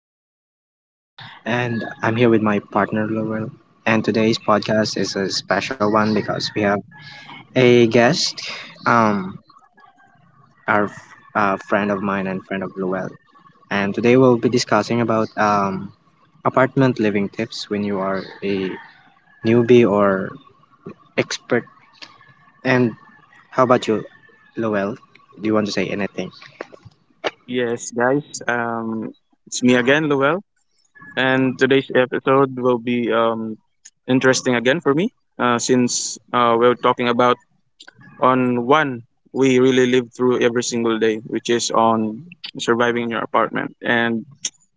the way, this is Drew, and I'm here with my partner Lowell. And today's podcast is a special one because we have a guest, um, our f- friend of mine and friend of Lowell. And today we'll be discussing about apartment living tips when you are a newbie or expert. And how about you, Lowell? Do you want to say anything? Yes, guys. It's me again, Lowell, and today's episode will be interesting again for me, since we're talking about on one we really live through every single day, which is on surviving in your apartment. And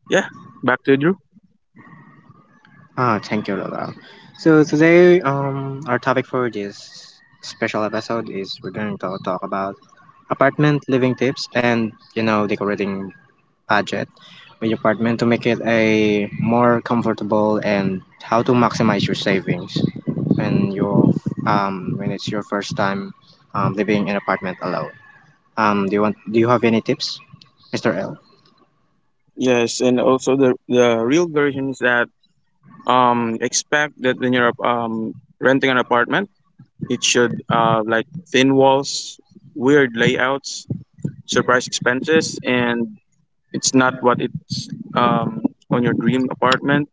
yeah, back to Drew. Ah, thank you, Laura. So today, our topic for this special episode is we're going to talk about apartment living tips and you know decorating budget with your apartment to make it a more comfortable and how to maximize your savings when you when it's your first time living in apartment alone. Do you have any tips, Mr. L? Yes, and also the real version is that expect that when you're renting an apartment, it should like thin walls, weird layouts, surprise expenses, and it's not what it's um, on your dream apartment.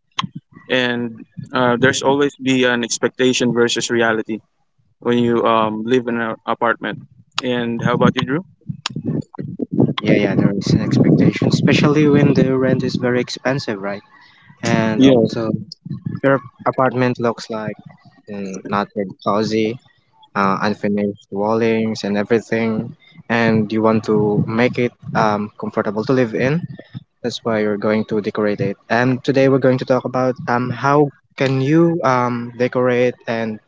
And there's always be an expectation versus reality when you live in an apartment. And how about you, drew? Yeah, yeah, there is an expectation, especially when the rent is very expensive, right? And Yeah. also your apartment looks like not very cozy, unfinished wallings and everything, and you want to make it comfortable to live in. That's why you're going to decorate it. And today we're going to talk about how can you decorate and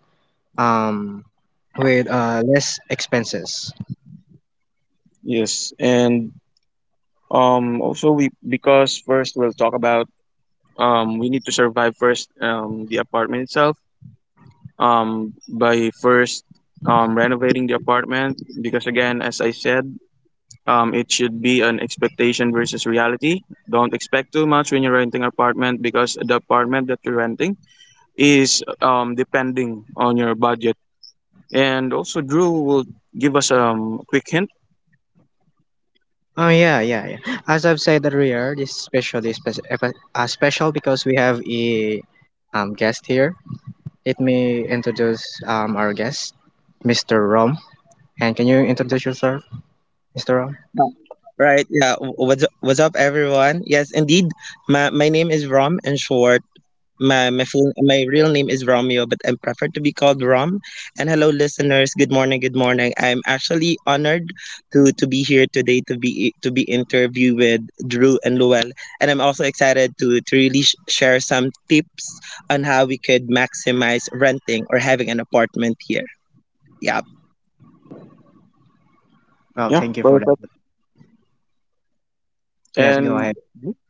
um, with less expenses. Yes, and also we, because first we'll talk about, we need to survive first, the apartment itself, by first renovating the apartment, because again as I said, it should be an expectation versus reality. Don't expect too much when you're renting an apartment, because the apartment that you're renting is depending on your budget. And also, Drew will give us a quick hint. Oh yeah, yeah, yeah. As I've said earlier, this is especially special because we have a guest here. Let me introduce our guest, Mr. Rom. And can you introduce yourself, Mr. Rom? What's up, everyone? Yes, indeed. My name is Rom. In short, my real name is Romeo, but I'm preferred to be called Rom. And hello, listeners. Good morning. Good morning. I'm actually honored to be here today to be interviewed with Drew and Luel, and I'm also excited to really share some tips on how we could maximize renting or having an apartment here. Yeah. Well, Yeah, thank you for perfect. that. Yes, go And ahead.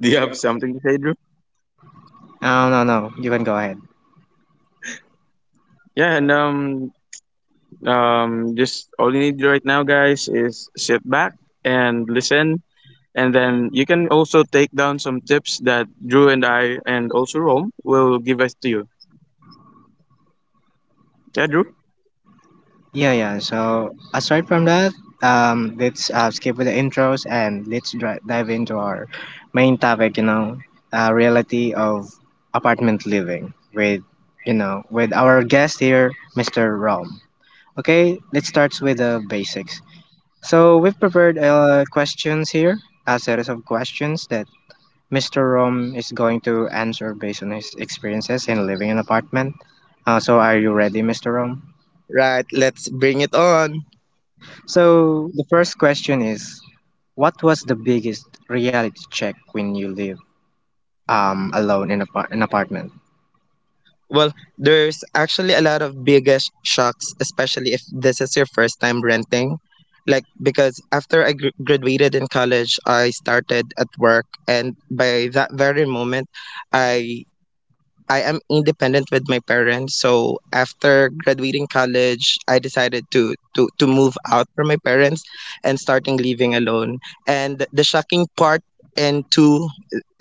do you have something to say, Drew? Oh, no, no, you can go ahead. Yeah, and just all you need right now, guys, is sit back and listen. And then you can also take down some tips that Drew and I and also Rome will give us to you. Yeah, Drew? Yeah, yeah. So aside from that, let's skip with the intros and let's dive into our main topic. You know, reality of apartment living with with our guest here, Mr. Rom. Okay, let's start with the basics. So we've prepared questions here, a series of questions that Mr. Rom is going to answer based on his experiences in living in an apartment. So are you ready, Mr. Rom? Right. Let's bring it on. So the first question is, what was the biggest reality check when you live alone in an apartment? Well, there's actually a lot of biggest shocks, especially if this is your first time renting. Like, because after I graduated in college, I started at work, and by that very moment, I I am independent with my parents. So after graduating college, I decided to move out from my parents and starting living alone. And the shocking part into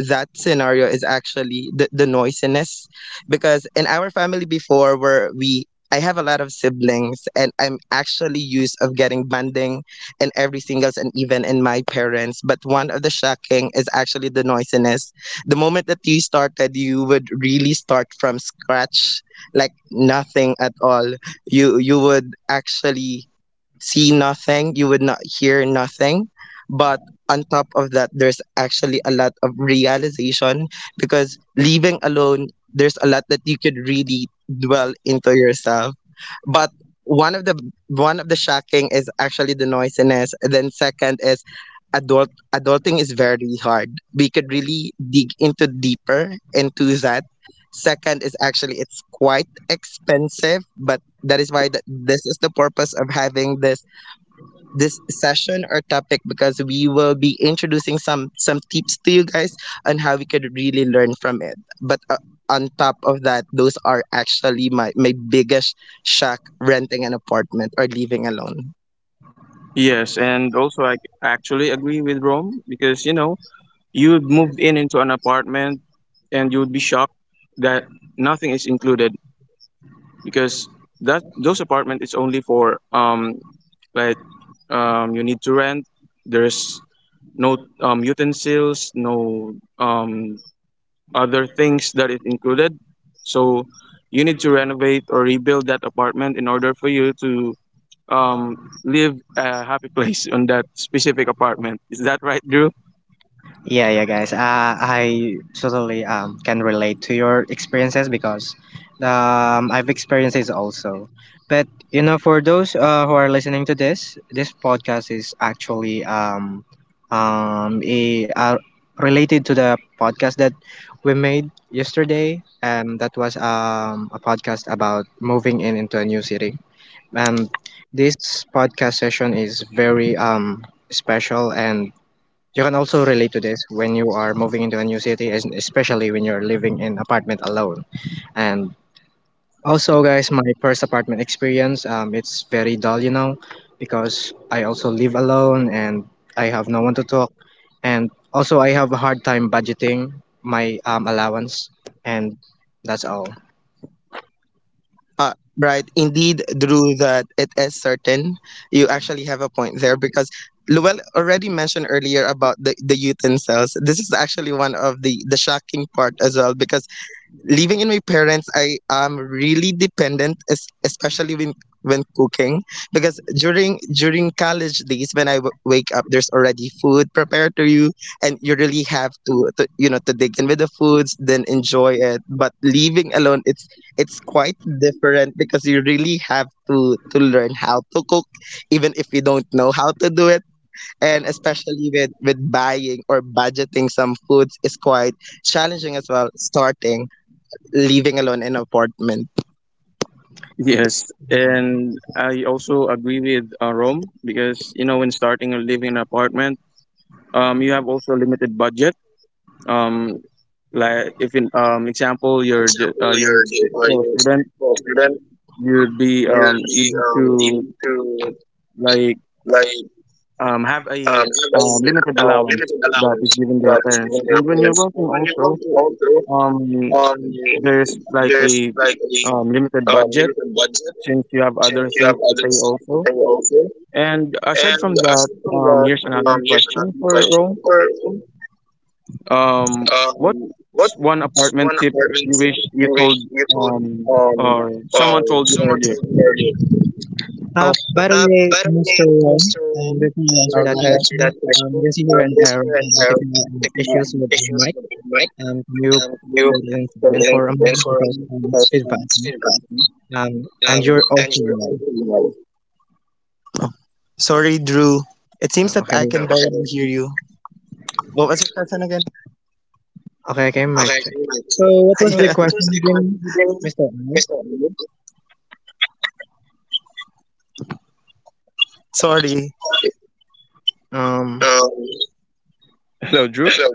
that scenario is actually the noisiness because in our family before where we I have a lot of siblings, and I'm actually used of getting banding in every singles and even in my parents, but one of the shocking is actually the noisiness. The moment that you started, you would really start from scratch, like nothing at all. You would actually see nothing, you would not hear nothing. But on top of that, there's actually a lot of realization because living alone, there's a lot that you could really dwell into yourself. But one of the one of the shocking is actually the noisiness. And then second is adulting is very hard. We could really dig into deeper into that. Second is actually it's quite expensive, but that is why this is the purpose of having this session or topic, because we will be introducing some tips to you guys on how we could really learn from it. But on top of that, those are actually my biggest shock renting an apartment or living alone. Yes, and also I actually agree with Rome, because you know you would move in into an apartment and you would be shocked that nothing is included, because that those apartment is only for like, you need to rent. There's no utensils, no other things that is included. So you need to renovate or rebuild that apartment in order for you to um live a happy place on that specific apartment. Is that right, Drew? Yeah, yeah, guys. I totally can relate to your experiences because I've experienced this also. But you know, for those who are listening to this, this podcast is actually um, a, uh, related to the podcast that we made yesterday. That was a podcast about moving in into a new city. And this podcast session is very special, and you can also relate to this when you are moving into a new city, especially when you're living in apartment alone. And also, guys, my first apartment experience, it's very dull, you know, because I also live alone and I have no one to talk. And also, I have a hard time budgeting my allowance, and that's all. Uh, right, indeed, Drew, that it is certain. You actually have a point there because Luel already mentioned earlier about the youth cells. This is actually one of the shocking part as well, because living in my parents I am really dependent especially when cooking, because during college days, when I wake up, there's already food prepared to you, and you really have to, to to dig in with the foods then enjoy it. But living alone, it's quite different because you really have to learn how to cook even if you don't know how to do it, and especially with buying or budgeting some foods is quite challenging as well starting living alone in an apartment. Yes, and I also agree with Rome, because you know when starting or living in an apartment, you have also a limited budget. Um, like if in example, For example, you're a you're the small you're a student, street ball student, you'd be you'll be able to, able to like, like have a have a limited allowance limited that allowance is given by your that is given parents. to your And when you're parents. working And when you come also, to auto, um um, there's like there's a like limited a budget limited budget since you have since other you have things to other pay things to also. pay also. And aside from And that, aside from that, here's another here's question another for question Rome. for What's Um, one what's apartment one tip apartment you tip wish you you wish told, you told um or someone told you someone earlier? told you earlier? Oh. By the way, By the way, Mr. Ron, Mr. Before you answer I'll go that ahead. Answer that question, you question. can see here an This error year and and have technical technical issues with our issues mic. with the mic. Can you You put it in can silent for a in moment for because it's because feedback. it's No? feedback. Um, Um, and you're and also you're on loud. the mic. Sorry, Drew. It seems Oh, that I can barely hear you. What was your question again? Okay, mic Okay, I check. can you like So what so, was the yeah. question Tuesday question again, today Mr. L? is that. Sorry. Um, Um, Hello, Drew. so,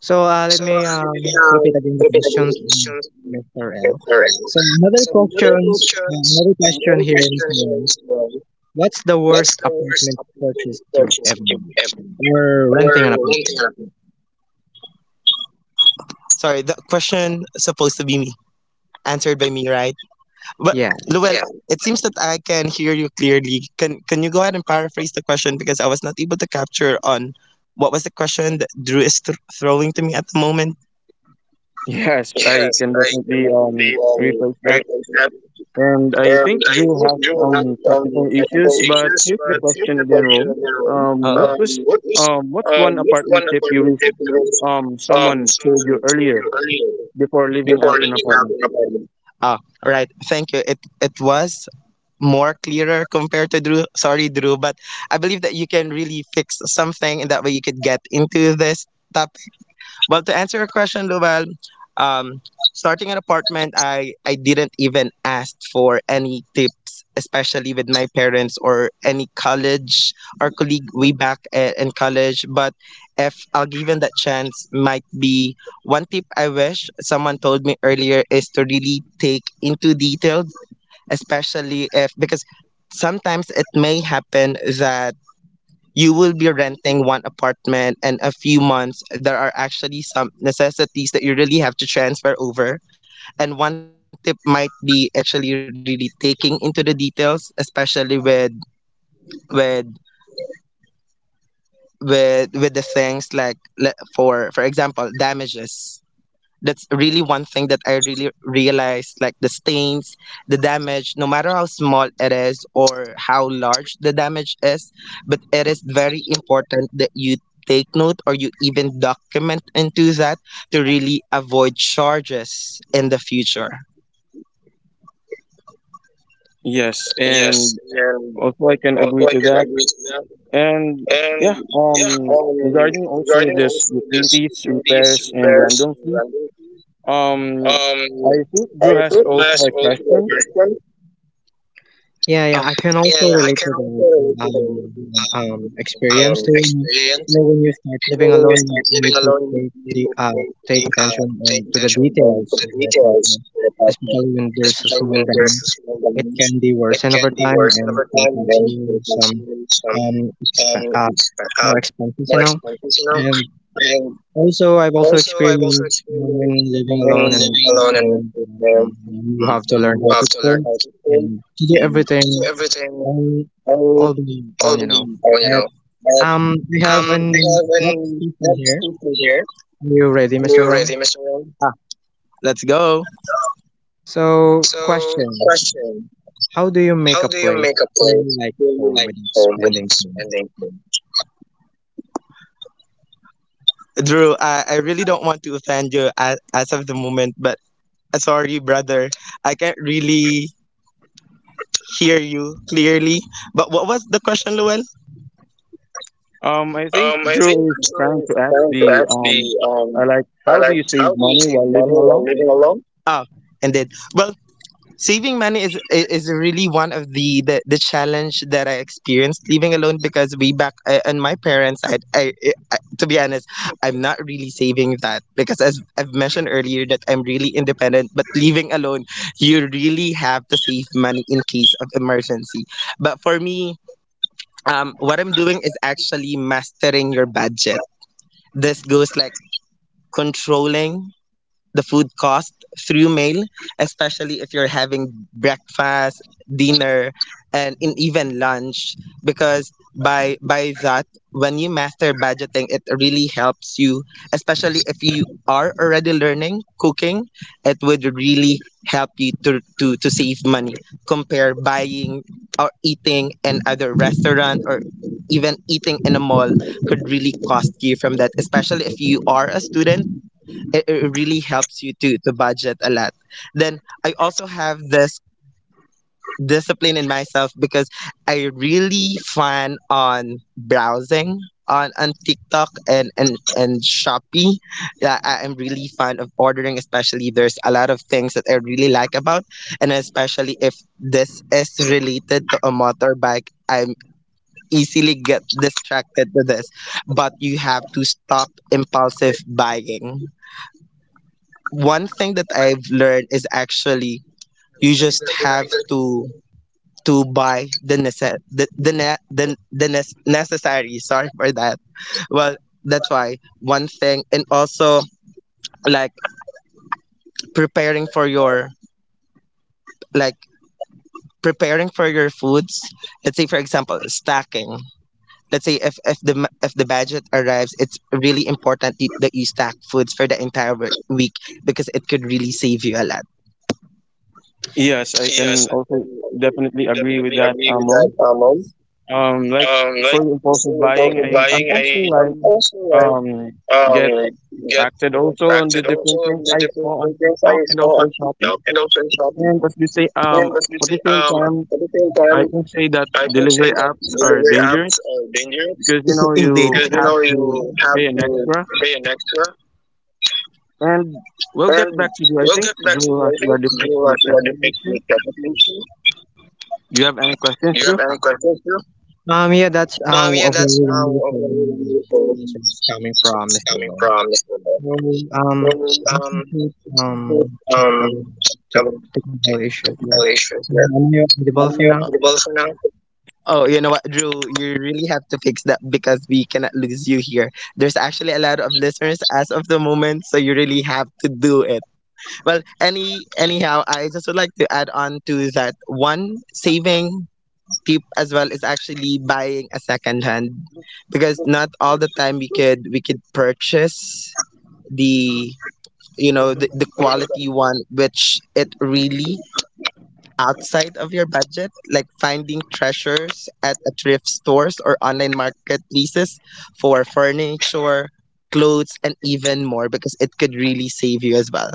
so let me repeat again the repeatable questions, questions Mr. that L. are So another some other questions, questions, another and question other here, question Mr. L. here is well, What's the what's worst the worst apartment purchase appointment you've purchase ever that you've made, ever made? or Or renting an one apartment? thing happened? Sorry, the question supposed to be me. Answered by me, right? But Yeah. Yeah. It seems that I can hear you clearly. Can you go ahead and paraphrase the question, because I was not able to capture on what was the question that Drew is throwing to me at the moment? Yes, I Yes, can I can definitely definitely rephrase that. repeat that. And I think I Drew think has you have some um technical technical issues, but issues, here's the but here's question the again, question Rome. again. Um, what was What is what's one which apartment one tip you apartment wish tip was someone told someone you told you earlier earlier before leaving before out an leaving out apartment? an apartment? Ah, right. Thank you. It was more clearer compared to Drew. Sorry, Drew, but I believe that you can really fix something, and that way you could get into this topic. Well, to answer your question, Lowell, um, starting an apartment, I didn't even ask for any tips, especially with my parents or any college or colleague way back in college, but. If I'll given that chance, might be one tip I wish someone told me earlier is to really take into detail, especially if, because sometimes it may happen that you will be renting one apartment, and a few months there are actually some necessities that you really have to transfer over. And one tip might be actually really taking into the details, especially with with with the things like for example damages. That's really one thing that I really realized, like the stains, the damage, no matter how small it is or how large the damage is, but it is very important that you take note or you even document into that to really avoid charges in the future. Yes, Yes, and and also I can also agree I to can that. agree to that. And And yeah, yeah, regarding also regarding this also utilities, the these repairs, and repairs random in fees, random, um um, I think I Drew has think also that's a also question. a question. Yeah, Oh. yeah, I can Yeah, also yeah, I relate to can also that relate to the experience too. You experience. know, when you And start you know, living when you alone, start you need living to alone, you take need the take attention to take on, to the attention to details of the your apartment, details of the apartment, especially when there's a especially small when there's a damage. small It damage. can be It worsened can over be time worsened and over can time, cost and you it can some see some exp um, it's, uh, more expenses, you more know. expenses, you know. And And also, I've also also, I've also experienced you know, when experienced living women alone in an living alone and apartment, with um, them, you have to learn you how to have to cook learn how to cook and to do and to do everything everything and all, all the oh all you the know. people, you But know. We But have we an have next an question next here. speaker here. Are you ready, Are Mr. you ready, Rom? Mr. Wong? Let's go. So So, question: question: how do you make how a do you place make a feel place like feel home like without home spending without too much? spending? Time? Drew, I really don't want to offend you as of the moment, but sorry, brother, I can't really hear you clearly. But what was the question, Llewellyn? I think I think Drew is so. trying It's to ask trying to the, ask the I um, like, how do like, you how save do you money save while money living while alone? living alone? Ah, indeed. Well, saving money is is really one of the challenge that I experienced living alone, because way back on my parents' side, I to be honest, I'm not really saving that because as I've mentioned earlier that I'm really independent, but living alone, you really have to save money in case of emergency. But for me. What I'm doing is actually mastering your budget. This goes like controlling the food cost through mail, especially if you're having breakfast, dinner, and in even lunch. Because by that, when you master budgeting, it really helps you, especially if you are already learning cooking, it would really help you to save money compare buying or eating in other restaurant or even eating in a mall could really cost you from that, especially if you are a student. It it really helps you to budget a lot. Then I also have this discipline in myself because I really fun on browsing on TikTok and Shopee. Yeah, I am really fond of ordering, especially there's a lot of things that I really like about, and especially if this is related to a motorbike, I'm easily get distracted with this. But you have to stop impulsive buying. One thing that I've learned is actually you just have to buy the necessary. Sorry for that. Well, that's why one thing, and also like preparing for your like preparing for your foods. Let's say, for example, stacking. Let's say if, if the budget arrives, it's really important that you stack foods for the entire week, because it could really save you a lot. Yes, I can Yes, I can also definitely agree with definitely that, agree with that, Mom. Mom. Like Like for so impulsive buying, for I'm buying, I also I'm like also like um um get get acted also on the attracted different also things on I the saw different on things I TikTok and saw also on in shopping. TikTok and also in shopping. And as we say, And as you at say, the same time, at the same time, I can say that I can say delivery that apps are delivery apps dangerous are dangerous. because you know Indeed, you because you have know to you have pay an to extra. pay an extra. And we'll get And back to you. I we'll think get back to Drew you. has I think already picked do the should I technical do fix issue. the application? Do you have any questions, Do you have Drew? any questions? Yeah, that's Yeah, a that's very what wonderful we really answer is coming from it's Mr. coming Rom. from Mr. Ben. So um Really, let's include, check um, about um, technical issue here. technical issue. So, Yeah. am I audible for You now? audible for now. Oh, you know what, Drew? You really have to fix that because we cannot lose you here. There's actually a lot of listeners as of the moment, so you really have to do it. Well, anyhow, I just would like to add on to that one saving tip as well is actually buying a second hand because not all the time we could purchase the the quality one which it really outside of your budget, like finding treasures at a thrift stores or online marketplaces for furniture, clothes, and even more because it could really save you as well.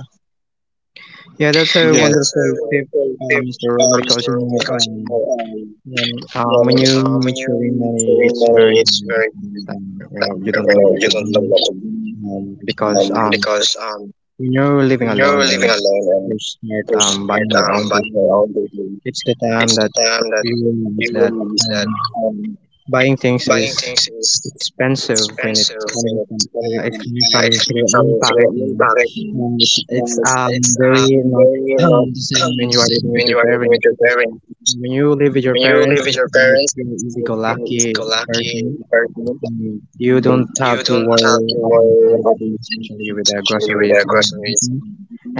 Yeah, that's a Yeah, Yeah. that's a wonderful tip, wonderful tip, Mr. Ron, Mr. because you Ron. know, Because and when then, you when saving you're money, it's feeling very money, hard. it's very good. You know, you don't you know know, what to you do don't know what to do. Because Because when you're living when you're alone and living alone and you start you're scared buying your own by your things, own baby, it's the time it's that the time that you realize you that will use um, that. um, buying things Buying is things is expensive when expensive and it's coming from it's your own coming from your pocket. You own pocket. you know? It's know. And it's, it's very um, not very, the same the when you are same living with when you your are living with parents. your Because parents. when you live with When your you live with parents, your it's like parents, it's you're not an easy easy-go-lucky go lucky person. person. You You don't have you to don't have worry to about worry about anything, anything, especially with the especially with groceries their and groceries. everything.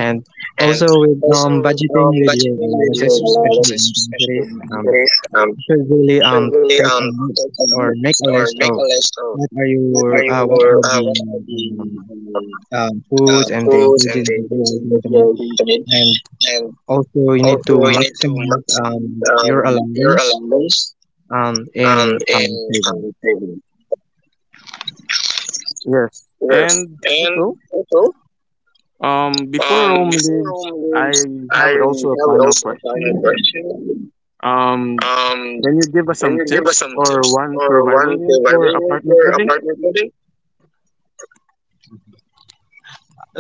And And also with also with budgeting with your budgeting with allowances, your especially in relatives, especially groceries. in the cities, Should really should really take a take a list or make list a or list make of a list of what are what your are what your are the what are the um, um, foods and the foods and ingredients the that you ingredients are going that to you need, are going to need, and and also you need also to you need to maximize maximize your your allowance allowance in in saving. saving. Yes. Yes, And also, and also before Rome before leaves, home loans, I I have also a have final also a final question. question. Um, Um, can you give us can some you give us tips some or tips one or one survival rule for survival hack apartment for living? apartment living?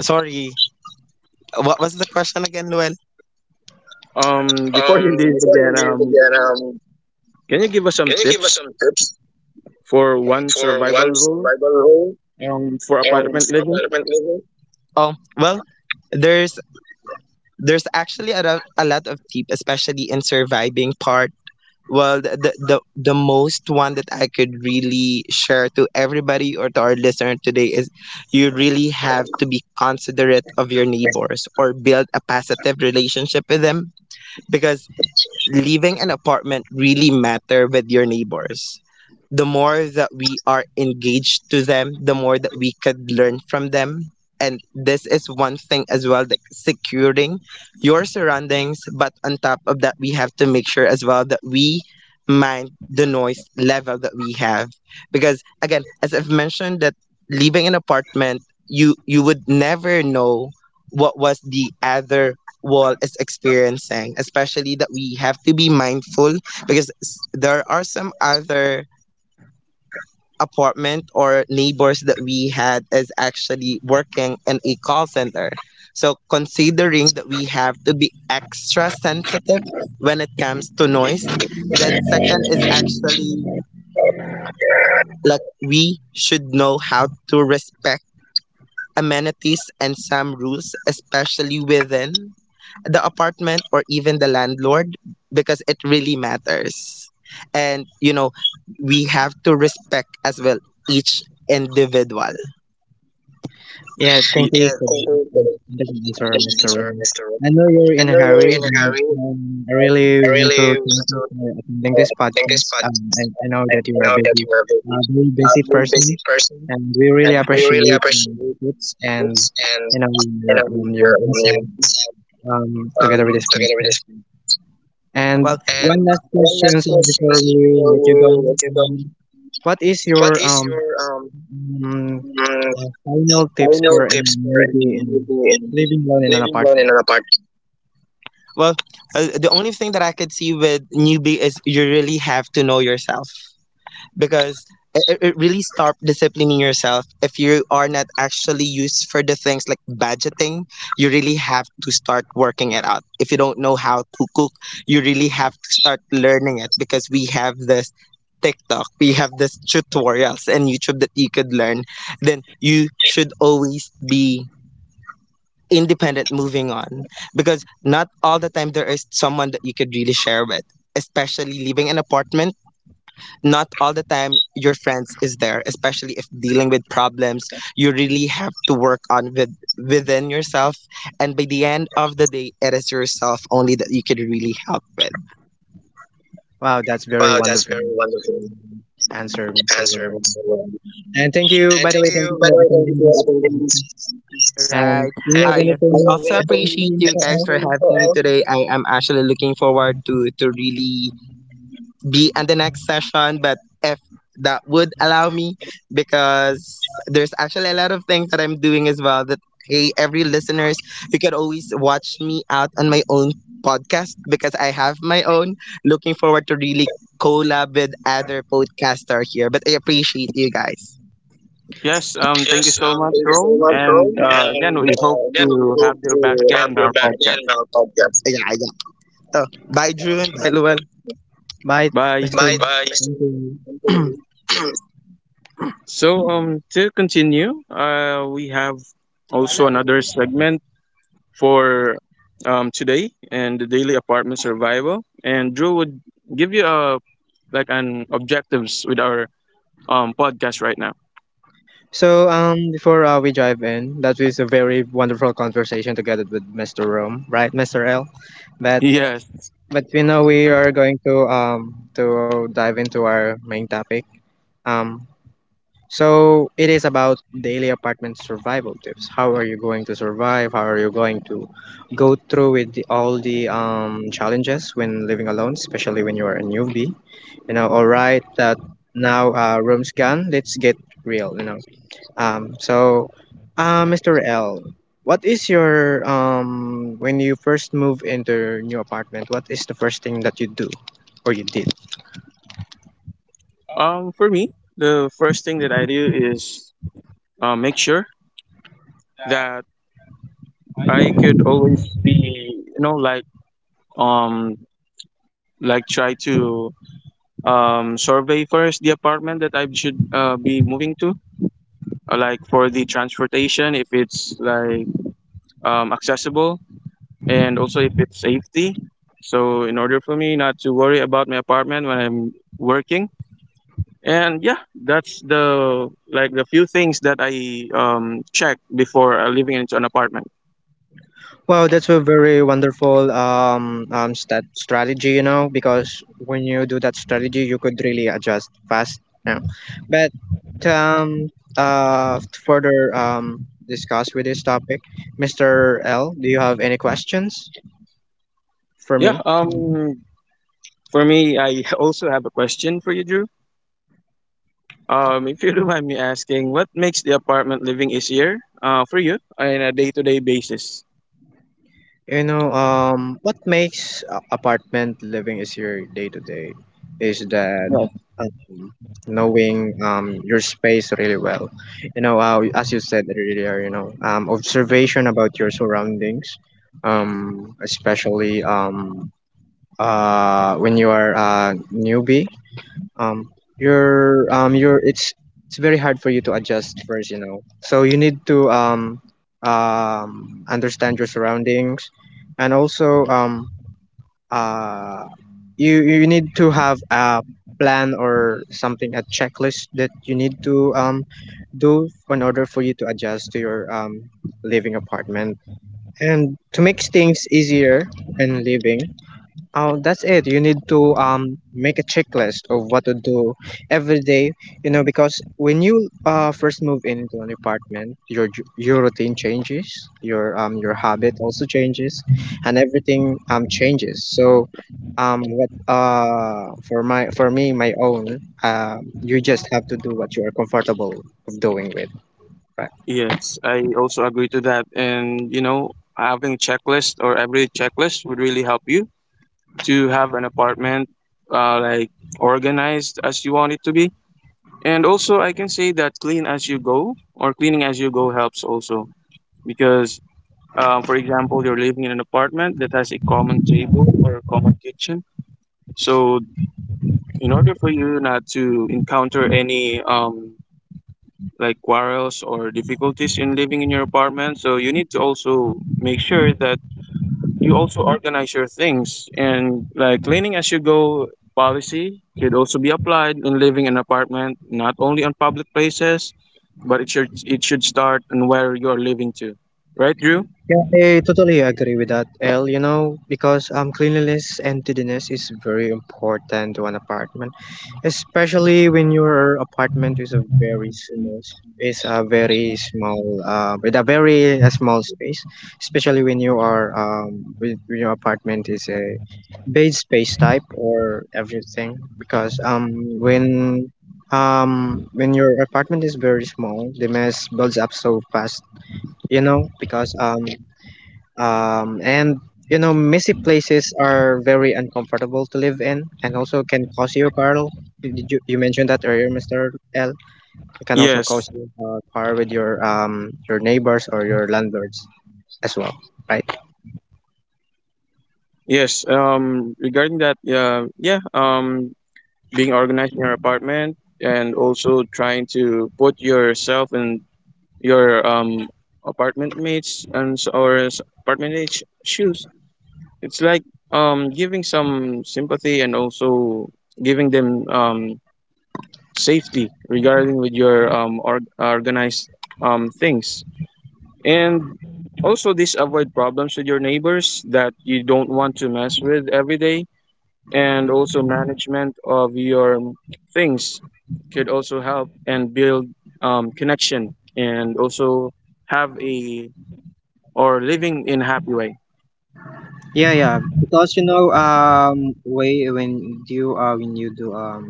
Sorry, what was the question again, Noel? Before Um, you leave before you again, leave again, can you give us some can you give us tips some tips for one for survival one rule survival rule for apartment for living? apartment living? Oh, well, there's there's actually a lot of tip, especially in surviving part. Well, the most one that I could really share to everybody or to our listener today is you really have to be considerate of your neighbors or build a positive relationship with them because leaving an apartment really matter with your neighbors. The more that we are engaged to them, the more that we could learn from them. And this is one thing as well that securing your surroundings. But on top of that, we have to make sure as well that we mind the noise level that we have. Because again, as I've mentioned that leaving an apartment, you would never know what was the other world is experiencing, especially that we have to be mindful because there are some other apartment or neighbors that we had is actually working in a call center. So considering that we have to be extra sensitive when it comes to noise, then second is actually like we should know how to respect amenities and some rules, especially within the apartment or even the landlord because it really matters. And you know, we have to respect as well each individual. Yeah, Ye- thank Yeah, you thank for you, the answer, Mr. Ron. Mr. Ro. I know you're I in a know you're hurry, in a and hurry. I Uh, really I want to really thank want you for to attending this thank this podcast. Podcast. I know I that I you are a know that busy, you are a very, very busy very busy person, person, and we really and we really appreciate appreciate it, tips and and you know you know your insight your together um with this together with this. podcast. And Well, and one last one question last before question we before let you go: we let you go. um, what is What your is your um um mm, final tips for final a tips for a newbie in newbie in living alone in an living alone in apartment? an apartment? Well, the only thing that I could see with newbie is you really have to know yourself. Because it really start disciplining yourself if you are not actually used for the things like budgeting, you really have to start working it out. If you don't know how to cook, you really have to start learning it because we have this TikTok, we have this tutorials and YouTube that you could learn, then you should always be independent moving on because not all the time there is someone that you could really share with, especially living in apartment. Not all the time your friends is there, especially if dealing with problems, you really have to work on with within yourself, and by the end of the day it is yourself only that you could really help with. Wow, that's very Wow, that's wonderful very wonderful answer, Mr. answer, Ron. Mr. And thank you, And by the thank way, thank you you, by the for way, thank you attending for your this attendance. podcast. And Right. do And you have I we anything also going to else to say? appreciate you excuse Mr. guys for having me all today. I am actually looking forward to really be on the next session, but if that would allow me, because there's actually a lot of things that I'm doing as well. That hey, every listeners, you can always watch me out on my own podcast because I have my own. Looking forward to really collab with other podcaster here, but I appreciate you guys. Yes, thank you Yes, so much, thank you so Rome. much, Roy. And And again, we hope again, we to have hope you to back again have in you our back again podcast. on our podcast. Yeah, yeah. Oh, bye, June. Everyone. Bye, Bye. Mr. Bye. Bye. Thank you. So, to continue, we have also another segment for today and the daily apartment survival. And Drew would give you a like an objectives with our podcast right now. So, before we dive in, that was a very wonderful conversation together with Mr. Rome, right, Mr. L? But Yes. but you know we are going to dive into our main topic. Um, so it is about daily apartment survival tips. How are you going to survive? How are you going to go through with the, all the challenges when living alone, especially when you are a newbie? You know, all right, that now room's gone. Let's get real, you know. um so Mr. L, what is your when you first move into your new apartment, what is the first thing that you do or you did? For me, the first thing that I do is make sure that I could always be, you know, like um like try to survey first the apartment that I should be moving to, like for the transportation, if it's like accessible, and also if it's safety. So in order for me not to worry about my apartment when I'm working, and yeah, that's the, like, the few things that I check before living into an apartment. Wow, that's a very wonderful strategy, you know, because when you do that strategy, you could really adjust fast. You know. But to further discuss with this topic, Mr. L, do you have any questions for Yeah. me? For me, I also have a question for you, Drew. If you don't mind me asking, what makes the apartment living easier for you on a day-to-day basis? You know, what makes apartment living easier day to day is that Yes. um, knowing your space really well. You know, as you said earlier, you know, observation about your surroundings, especially when you are a newbie um you're it's very hard for you to adjust first, you know, so you need to understand your surroundings, and also uh you need to have a plan or something, a checklist that you need to do in order for you to adjust to your living apartment and to make things easier in living. Oh, that's it. You need to make a checklist of what to do every day. You know, because when you first move into an apartment, your routine changes, your habit also changes, and everything changes. So, what for my for me my own you just have to do what you are comfortable of doing with. Right. Yes, I also agree to that. And having checklist or every checklist would really help you to have an apartment like organized as you want it to be. And also, I can say that clean as you go or cleaning as you go helps also, because, for example, you're living in an apartment that has a common table or a common kitchen. So in order for you not to encounter any like quarrels or difficulties in living in your apartment, so you need to also make sure that you also organize your things and, like, cleaning as you go policy could also be applied in living in apartment, not only on public places, but it should start on where you are living to, right, Drew? Yeah, I totally agree with that, L, you know, because cleanliness and tidiness is very important to an apartment, especially when your apartment is a very small s- is a very small with a very small space, especially when you are with when your apartment is a bed space type or everything because when when your apartment is very small, the mess builds up so fast, you know, because and you know messy places are very uncomfortable to live in and also can cause you carl, you mentioned that earlier, Mr. L. It can also Yes. cause you quarrel with your neighbors or your landlords as well, right? Yes, regarding that, yeah, being organized in your apartment, and also trying to put yourself in your apartment mates and or apartment mates shoes. It's like, giving some sympathy, and also giving them safety regarding with your organized things. And also this avoid problems with your neighbors that you don't want to mess with every day, and also management of your things could also help and build connection, and also have a or living in happy way. Yeah, yeah. Because you know, way when you do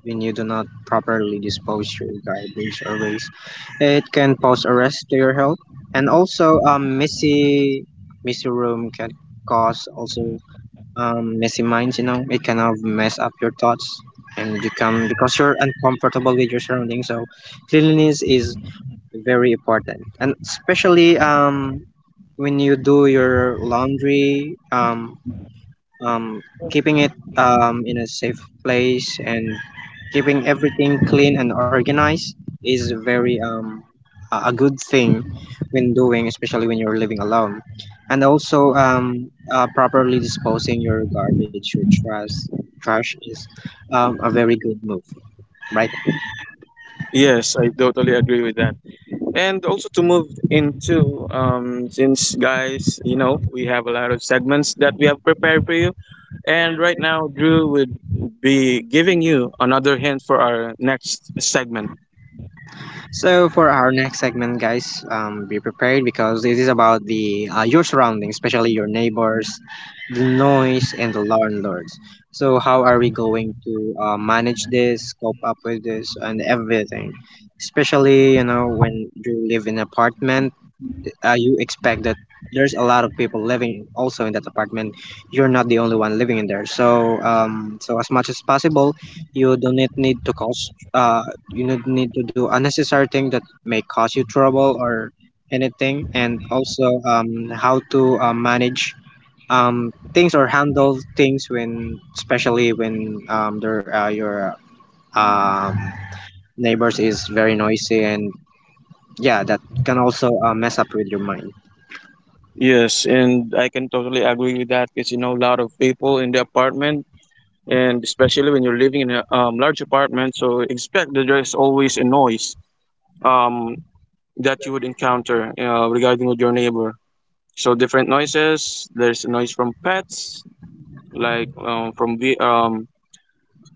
when you do not properly dispose your garbage or waste, it can pose a risk to your health. And also, messy room can cause also messy minds. You know, it can have mess up your thoughts, and you can because you're uncomfortable with your surroundings. So, cleanliness is very important, and especially when you do your laundry, um, keeping it in a safe place, and keeping everything clean and organized is very a good thing when doing, especially when you're living alone. And also properly disposing your garbage, your trash is a very good move, right? Yes, I totally agree with that. And also, to move into, since, guys, you know we have a lot of segments that we have prepared for you, and right now Drew would be giving you another hint for our next segment. So for our next segment, guys, be prepared because this is about the your surroundings, especially your neighbors, the noise, and the landlords. So how are we going to manage this, cope up with this, and everything? Especially, you know, when you live in an apartment, you expect that there's a lot of people living also in that apartment. You're not the only one living in there, so so as much as possible, you do not need to cause you don't need to do unnecessary thing that may cause you trouble or anything. And also, how to manage things or handle things, when especially when there your um neighbors is very noisy, and yeah, that can also mess up with your mind. Yes, and I can totally agree with that, because you know a lot of people in the apartment, and especially when you're living in a large apartment, so expect that there's always a noise um, that you would encounter regarding with your neighbor. So different noises. There's a noise from pets, like, from ve- um,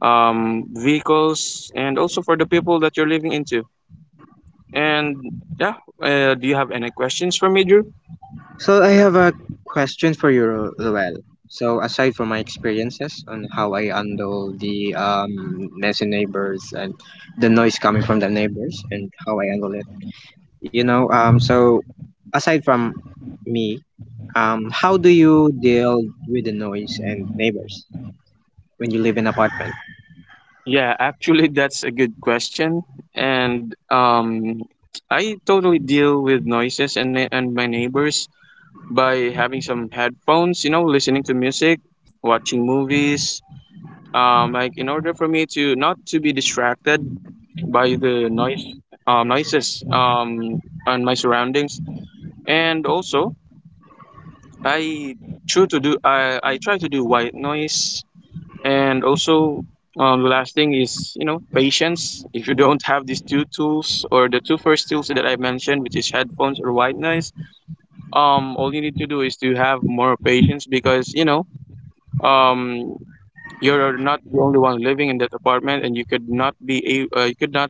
um, vehicles, and also for the people that you're living into. And yeah, do you have any questions for me, Drew? So I have a question for you, Roel. So aside from my experiences on how I handle the messy neighbors and the noise coming from the neighbors and how I handle it, you know, so aside from me, how do you deal with the noise and neighbors when you live in apartment? Yeah, actually, that's a good question. And I totally deal with noises and my neighbors by having some headphones, listening to music, watching movies. Like in order for me to not to be distracted by the noise, noises on my surroundings, and also I try to do I try to do white noise. And also, the last thing is, patience. If you don't have these two tools or the two first tools that I mentioned, which is headphones or white noise, all you need to do is to have more patience, because um you're not the only one living in that apartment, and you could not be a uh, you could not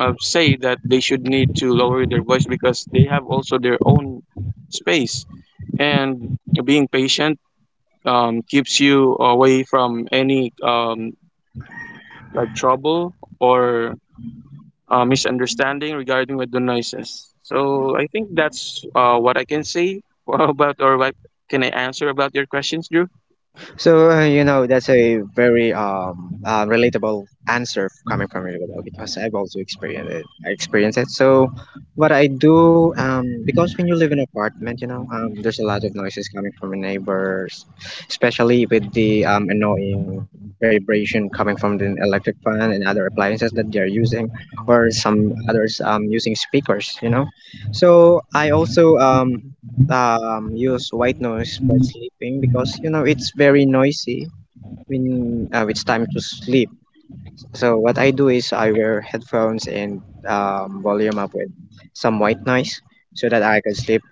uh, say that they should need to lower their voice because they have also their own space. And being patient keeps you away from any, like, trouble or misunderstanding regarding with the noises. So I think that's what I can say about, or what can I answer about your questions, Drew? So you know, that's a very relatable answer coming from you, because I've also experienced it. I experienced it. So what I do, because when you live in an apartment, you know, there's a lot of noises coming from your neighbors, especially with the annoying vibration coming from the electric fan and other appliances that they are using, or some others using speakers. You know, so I also use white noise for sleeping, because you know it's very noisy when it's time to sleep. So what I do is I wear headphones and volume up with some white noise so that I can sleep,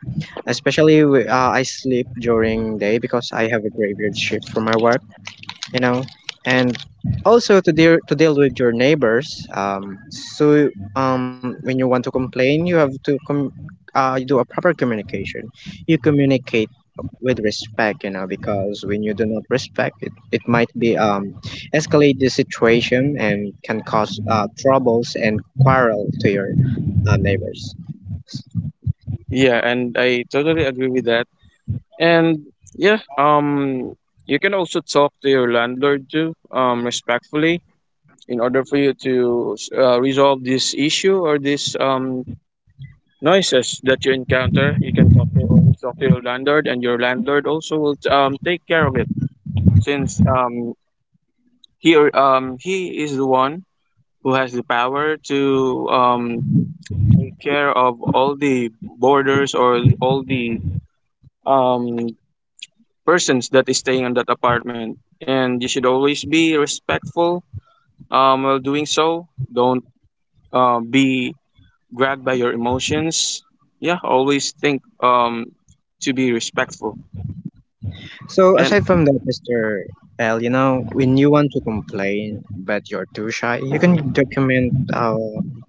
especially I sleep during day because I have a graveyard shift for my work, you know. And also to deal with your neighbors, when you want to complain, you have to you do a proper communication. You communicate with respect, you know, because when you do not respect it, it might be escalate the situation and can cause troubles and quarrel to your neighbors. Yeah, and I totally agree with that. And yeah, you can also talk to your landlord too, respectfully, in order for you to resolve this issue or this noises that you encounter. You can talk to your landlord, and your landlord also will take care of it. Since he is the one who has the power to take care of all the boarders or all the um, persons that is staying in that apartment. And you should always be respectful while doing so. Don't be grabbed by your emotions. Yeah, always think, to be respectful. So aside from And that, Mr. L, you know, when you want to complain but you're too shy, you can document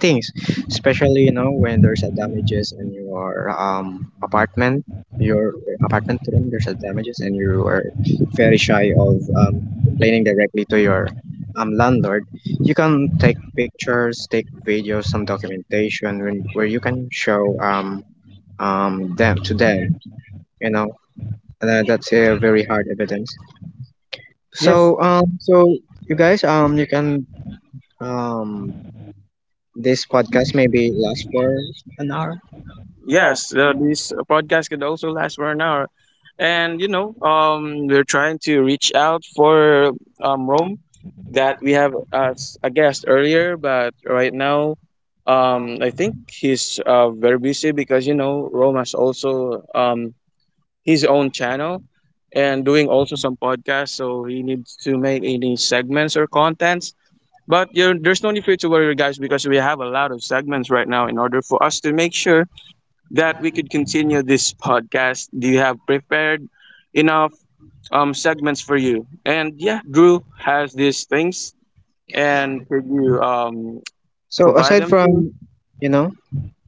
things, especially you know when there's a damages in your apartment, your apartment room. There's a damages, and you are very shy of complaining directly to your landlord. You can take pictures, take videos, some documentation when, where you can show them to them. You know, and that's a very hard evidence, yes, so you guys, you can um this podcast maybe last for an hour. yes, this podcast could also last for an hour. And we're trying to reach out for Rome that we have as a guest earlier, but right now, I think he's very busy because Rome has also his own channel and doing also some podcasts, so he needs to make any segments or contents. But there's no need for you to worry, guys, because we have a lot of segments right now in order for us to make sure that we could continue this podcast. Do you have prepared enough segments for you? And yeah, Drew has these things, and could you So provide aside them to me? from, you know,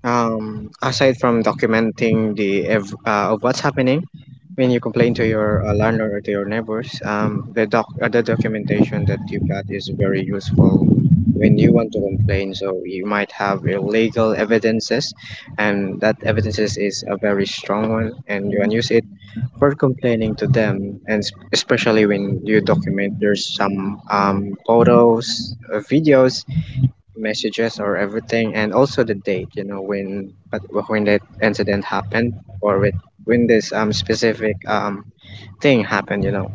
aside from documenting the of what's happening when you complain to your landlord or to your neighbors, the doc the documentation that you got is very useful when you want to complain. So you might have your legal evidences, and that evidences is a very strong one, and you can use it for complaining to them. And especially when you document, there's some photos, videos, messages, or everything, and also the date, you know, when but when that incident happened, or with when this specific thing happened, you know.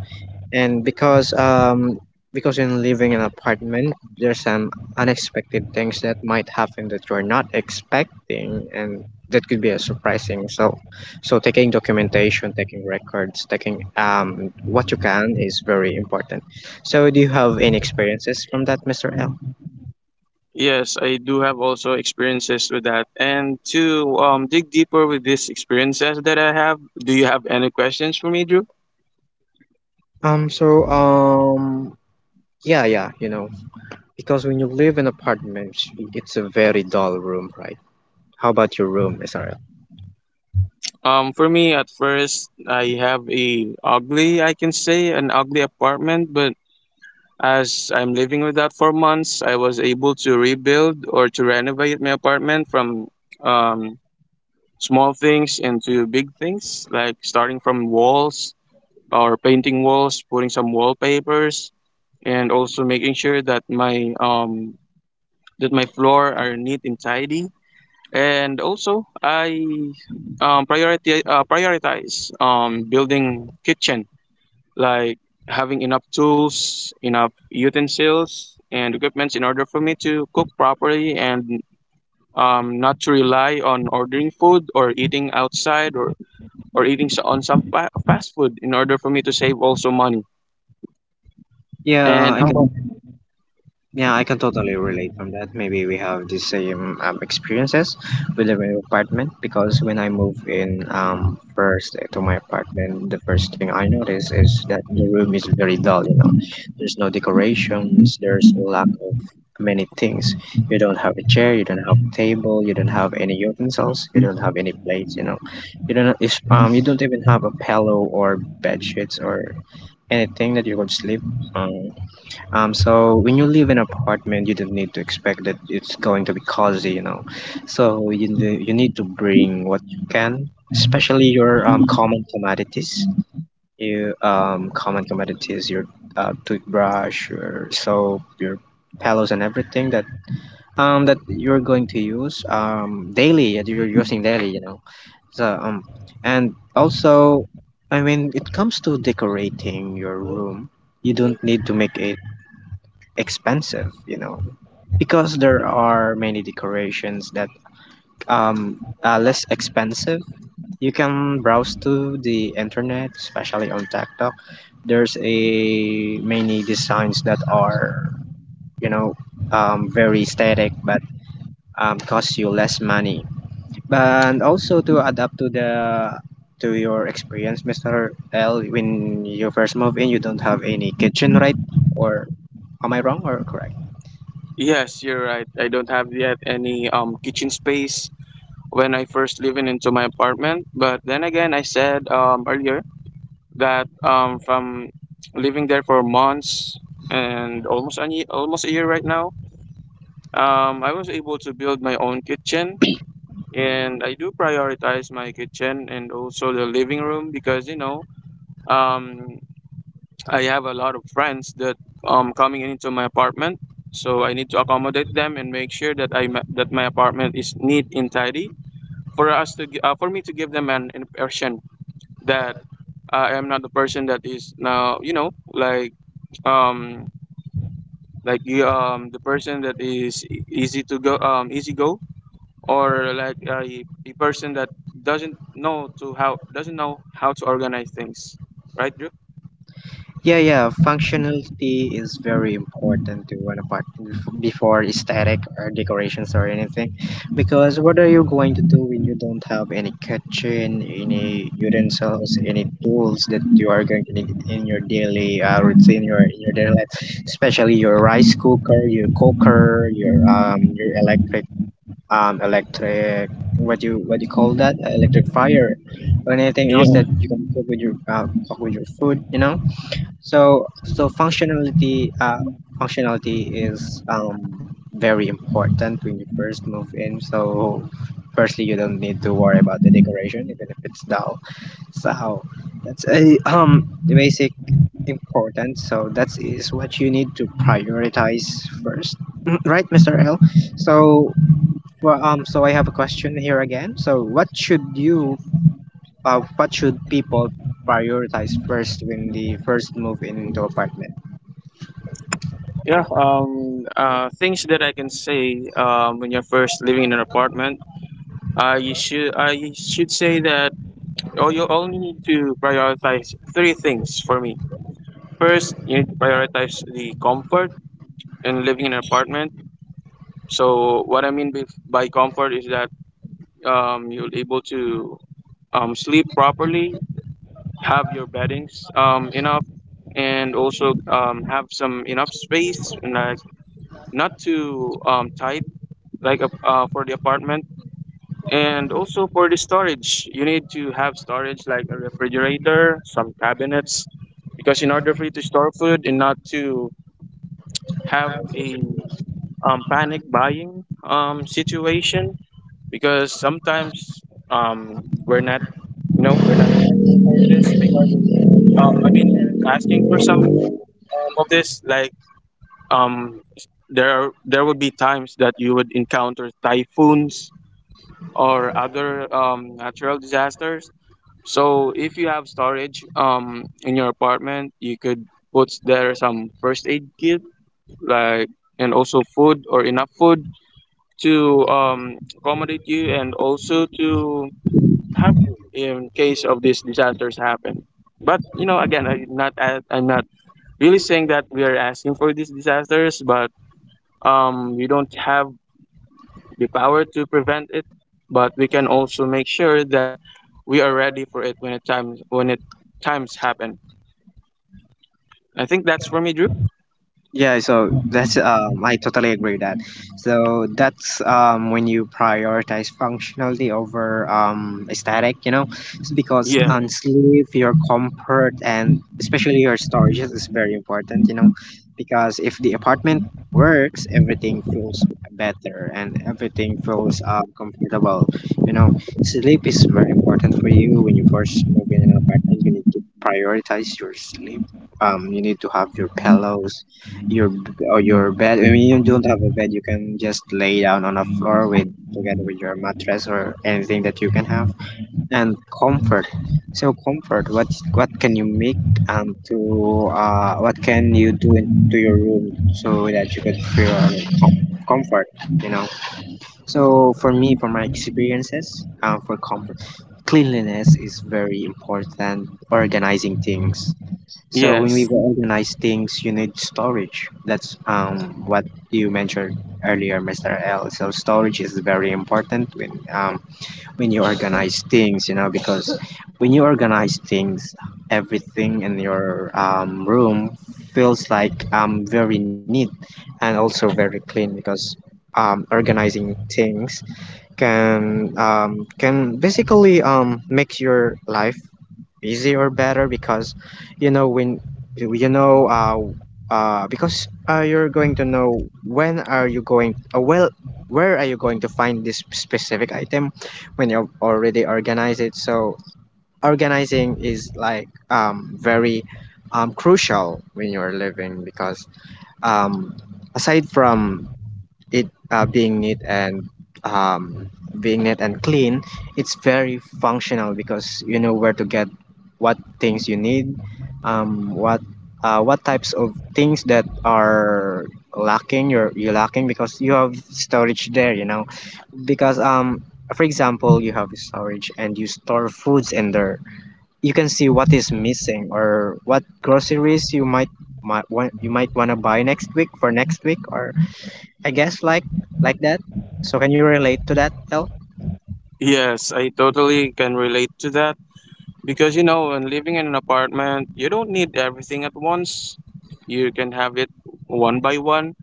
And because in living in an apartment, there's some unexpected things that might happen that you're not expecting, and that could be a surprising. So so taking documentation, taking records, taking what you can is very important. So do you have any experiences from that, Mr. L? Yes, I do have also experiences with that. And to dig deeper with these experiences that I have, do you have any questions for me, Drew? Um, so, um, yeah, yeah, you know, because when you live in apartments, it's a very dull room, right? How about your room, SRL? For me, at first, I have a ugly, I can say, an ugly apartment, but as I'm living with that for months, I was able to rebuild or to renovate my apartment from um, small things into big things, like starting from walls or painting walls, putting some wallpapers, and also making sure that my floor are neat and tidy. And also, I priority prioritize building kitchen like having enough tools, enough utensils, and equipments in order for me to cook properly and not to rely on ordering food or eating outside, or eating on some fast food in order for me to save also money. Yeah, And I how can. about? Yeah, I can totally relate from that. Maybe we have the same experiences with the new apartment, because when I moved in first to my apartment, the first thing I noticed is that the room is very dull, you know. There's no decorations, there's a lack of many things. You don't have a chair, you don't have a table, you don't have any utensils, you don't have any plates, you know. You don't if, you don't even have a pillow or bed sheets or anything that you could sleep on. Um, so when you live in an apartment, you don't need to expect that it's going to be cozy, you know. So you need to bring what you can, especially your common commodities. You common commodities, your toothbrush, your soap, your pillows, and everything that that you're going to use daily. That you're using daily, you know. So and also, I mean, it comes to decorating your room. You don't need to make it expensive, you know, because there are many decorations that are less expensive. You can browse to the internet, especially on TikTok. There's a many designs that are, you know, very static but cost you less money. But also to adapt to the, to your experience, Mister L, when you first move in, you don't have any kitchen, right? Or am I wrong or correct? Yes, you're right. I don't have yet any kitchen space when I first live in into my apartment. But then again, I said earlier that from living there for months and almost a almost a year right now. I was able to build my own kitchen, and I do prioritize my kitchen and also the living room because um, I have a lot of friends that coming into my apartment, so I need to accommodate them and make sure that that my apartment is neat and tidy for us to for me to give them an impression that I am not the person that is now um like you the person that is easy to go easy go or like a person that doesn't know how to organize things, right, Drew? Yeah, yeah, functionality is very important to an apartment before aesthetic or decorations or anything. Because what are you going to do when you don't have any kitchen, any utensils, any tools that you are going to need in your daily routine, your daily life, especially your rice cooker, your electric electric, what you call that electric fire, or anything yeah else that you can cook with your food, you know. So so functionality functionality is very important when you first move in. So firstly, you don't need to worry about the decoration, even if it's dull. So that's a the basic importance. So that is what you need to prioritize first, mm, right, Mr. L? So, well, so I have a question here again. So what should you what should people prioritize first when they first move in into apartment? yeah Things that I can say, when you're first living in an apartment, you should, I should say that oh you only need to prioritize three things. For me, first, you need to prioritize the comfort in living in an apartment. So what I mean by comfort is that you're able to sleep properly, have your beddings enough, and also have some enough space and like not too tight, like for the apartment. And also for the storage, you need to have storage like a refrigerator, some cabinets, because in order for you to store food and not to have a panic buying situation. Because sometimes um, we're not we're not asking for this, because I mean, we're asking for some of this, um there are there would be times that you would encounter typhoons or other natural disasters. So if you have storage in your apartment, you could put there some first aid kit, like and also food or enough food to accommodate you and also to help you in case of these disasters happen. But you know, again, I'm not really saying that we are asking for these disasters, but we don't have the power to prevent it, but we can also make sure that we are ready for it when it times happen. I think that's for me, Drew. Yeah, so that's I totally agree that. So that's when you prioritize functionality over aesthetic, you know, it's because Yeah. on sleep, your comfort, and especially your storage is very important, you know, because if the apartment works, everything feels better, and everything feels comfortable, you know. Sleep is very important for you when you first move in an apartment. You need to prioritize your sleep. You need to have your pillows, your b- or your bed. I mean, you don't have a bed. You can just lay down on a floor with, together with your mattress or anything that you can have. And comfort. So comfort. What can you make to what can you do in, to your room so that you could feel, I mean, comfort. You know. So for me, for my experiences, for comfort, cleanliness is very important. Organizing things. So when we Yes. organize things, you need storage. That's what you mentioned earlier, Mr. L. So storage is very important when you organize things, you know, because when you organize things, everything in your room feels like very neat and also very clean because organizing things can basically make your life easier or better because you know when you know because you're going to know when are you going well where are you going to find this specific item when you already organize it. So organizing is like very crucial when you're living because um, aside from it um, being neat and clean, it's very functional because you know where to get what things you need, um, what what types of things that are lacking because you have storage there, you know, because um, for example, you have storage and you store foods in there, you can see what is missing or what groceries you might want to buy next week for next week or I guess like that. So can you relate to that, El? Yes, I totally can relate to that because you know, when living in an apartment, you don't need everything at once. You can have it one by one.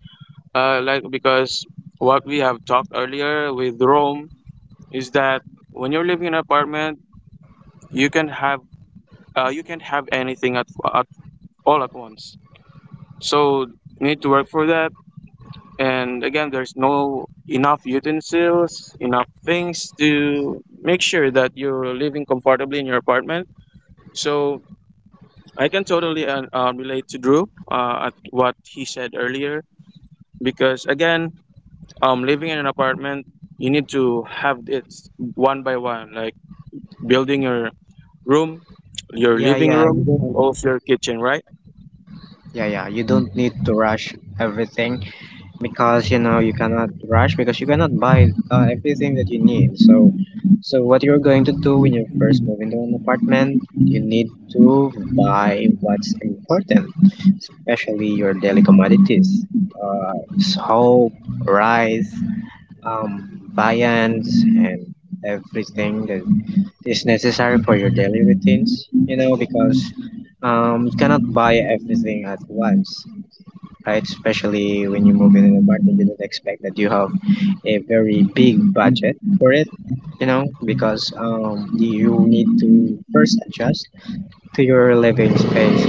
Like because what we have talked earlier with Rome is that when you're living in an apartment, you can have you can't have anything at all at once. So you need to work for that. And again, there's no enough utensils, enough things to make sure that you're living comfortably in your apartment. So I can totally relate to Drew at what he said earlier because again, living in an apartment, you need to have it one by one, like building your room, your Yeah, living yeah, you room, don't. and also your kitchen, right? Yeah, yeah, you don't need to rush everything because you know you cannot rush because you cannot buy everything that you need. So, so what you're going to do when you first move into an apartment, you need to buy what's important, especially your daily commodities, soap, rice, viands, and everything that is necessary for your daily routines, you know, because you cannot buy everything at once, right? Especially when you move in an apartment, you don't expect that you have a very big budget for it, you know, because you need to first adjust to your living space.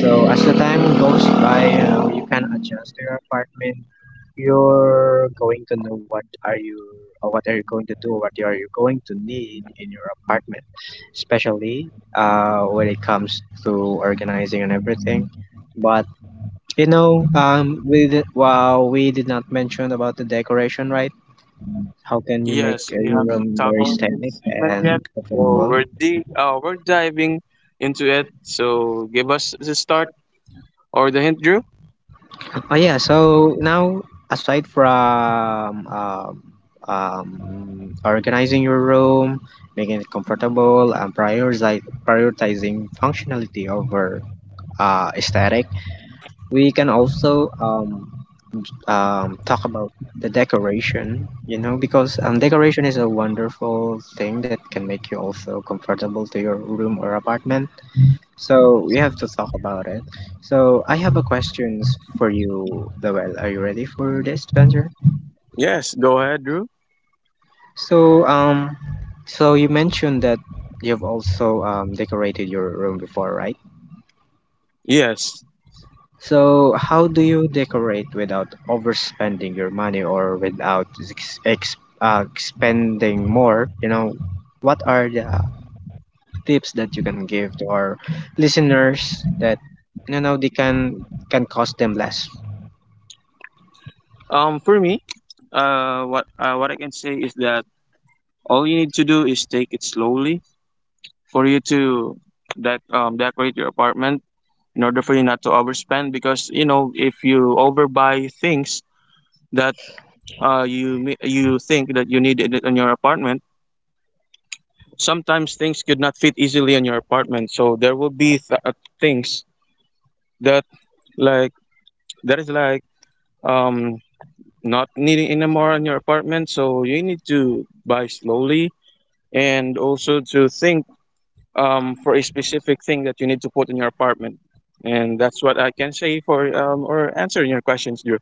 So as the time goes by, you know, you can adjust your apartment. You're going to know what are you going to do, what are you going to need in your apartment, especially when it comes to organizing and everything. But you know, well, we did not mention about the decoration, right? How can you make Yes, we your haven't room very tackled static this segment yet. and So comfortable? We're diving into it. So give us the start or the hint, Drew. Oh yeah, so now aside from organizing your room, making it comfortable, and prioritizing functionality over aesthetic, we can also talk about the decoration. You know, because decoration is a wonderful thing that can make you also comfortable to your room or apartment, so we have to talk about it. So I have a questions for you, Lowell. Are you ready for this to answer? Yes, go ahead, Drew. So so you mentioned that you've also decorated your room before, right? Yes. So how do you decorate without overspending your money or without spending more? You know, what are the tips that you can give to our listeners that you know they can cost them less? For me, what I can say is that all you need to do is take it slowly for you to decorate your apartment in order for you not to overspend. Because you know, if you overbuy things that you think that you need it on your apartment, sometimes things could not fit easily in your apartment. So there will be things that like that is like um not needing anymore in your apartment. So you need to buy slowly, and also to think for a specific thing that you need to put in your apartment. And that's what I can say for or answering your questions, Drew.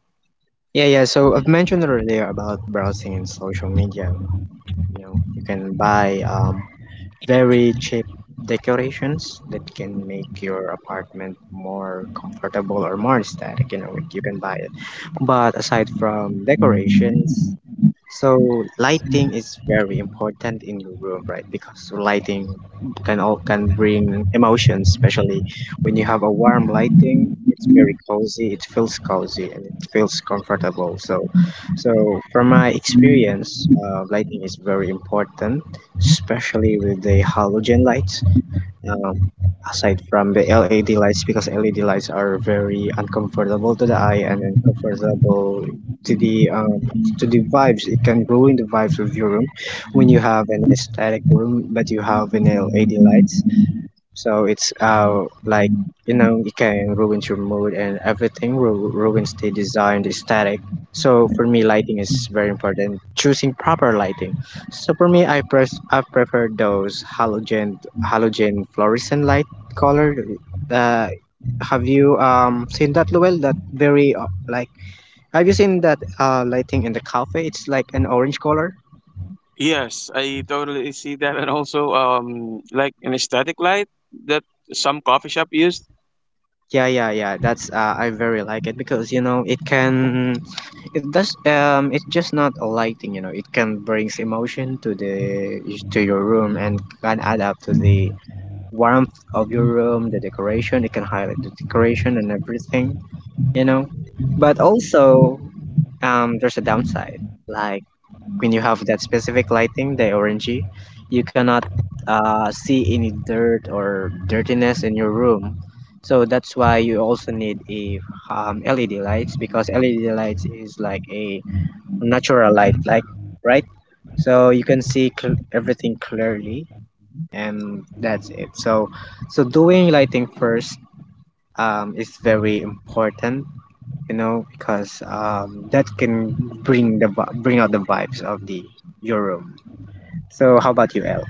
Yeah, yeah. So I've mentioned earlier about browsing in social media. You know, you can buy very cheap decorations that can make your apartment more comfortable or more aesthetic. You know, you can buy it. But aside from decorations, so lighting is very important in your room, right? Because lighting can bring emotions, especially when you have a warm lighting. It's very cozy. It feels cozy and it feels comfortable. So, so from my experience, lighting is very important, especially with the halogen lights, um, aside from the LED lights, because LED lights are very uncomfortable to the eye and uncomfortable to the um, to the vibes. It can ruin the vibes of your room when you have an aesthetic room but you have an LED lights. So it's uh, like, you know, it can ruin your mood and everything ruins the design, the aesthetic. So for me, lighting is very important. Choosing proper lighting. So for me, I prefer those halogen fluorescent light color. Uh, have you seen that, Luel? That very like have you seen that uh, lighting in the cafe? It's like an orange color. Yes, I totally see that, and also like an aesthetic light that some coffee shop use. Yeah, yeah, yeah. That's I very like it because you know it can. It does. It's just not a lighting. You know, it can brings emotion to the to your room and can add up to the warmth of your room, the decoration. It can highlight the decoration and everything. You know, but also there's a downside. Like when you have that specific lighting, the orangey, you cannot see any dirt or dirtiness in your room. So that's why you also need a LED lights, because LED lights is like a natural light, like, right? So you can see everything clearly, and that's it. So so doing lighting first is very important, you know, because that can bring bring out the vibes of the your room. So how about you, El?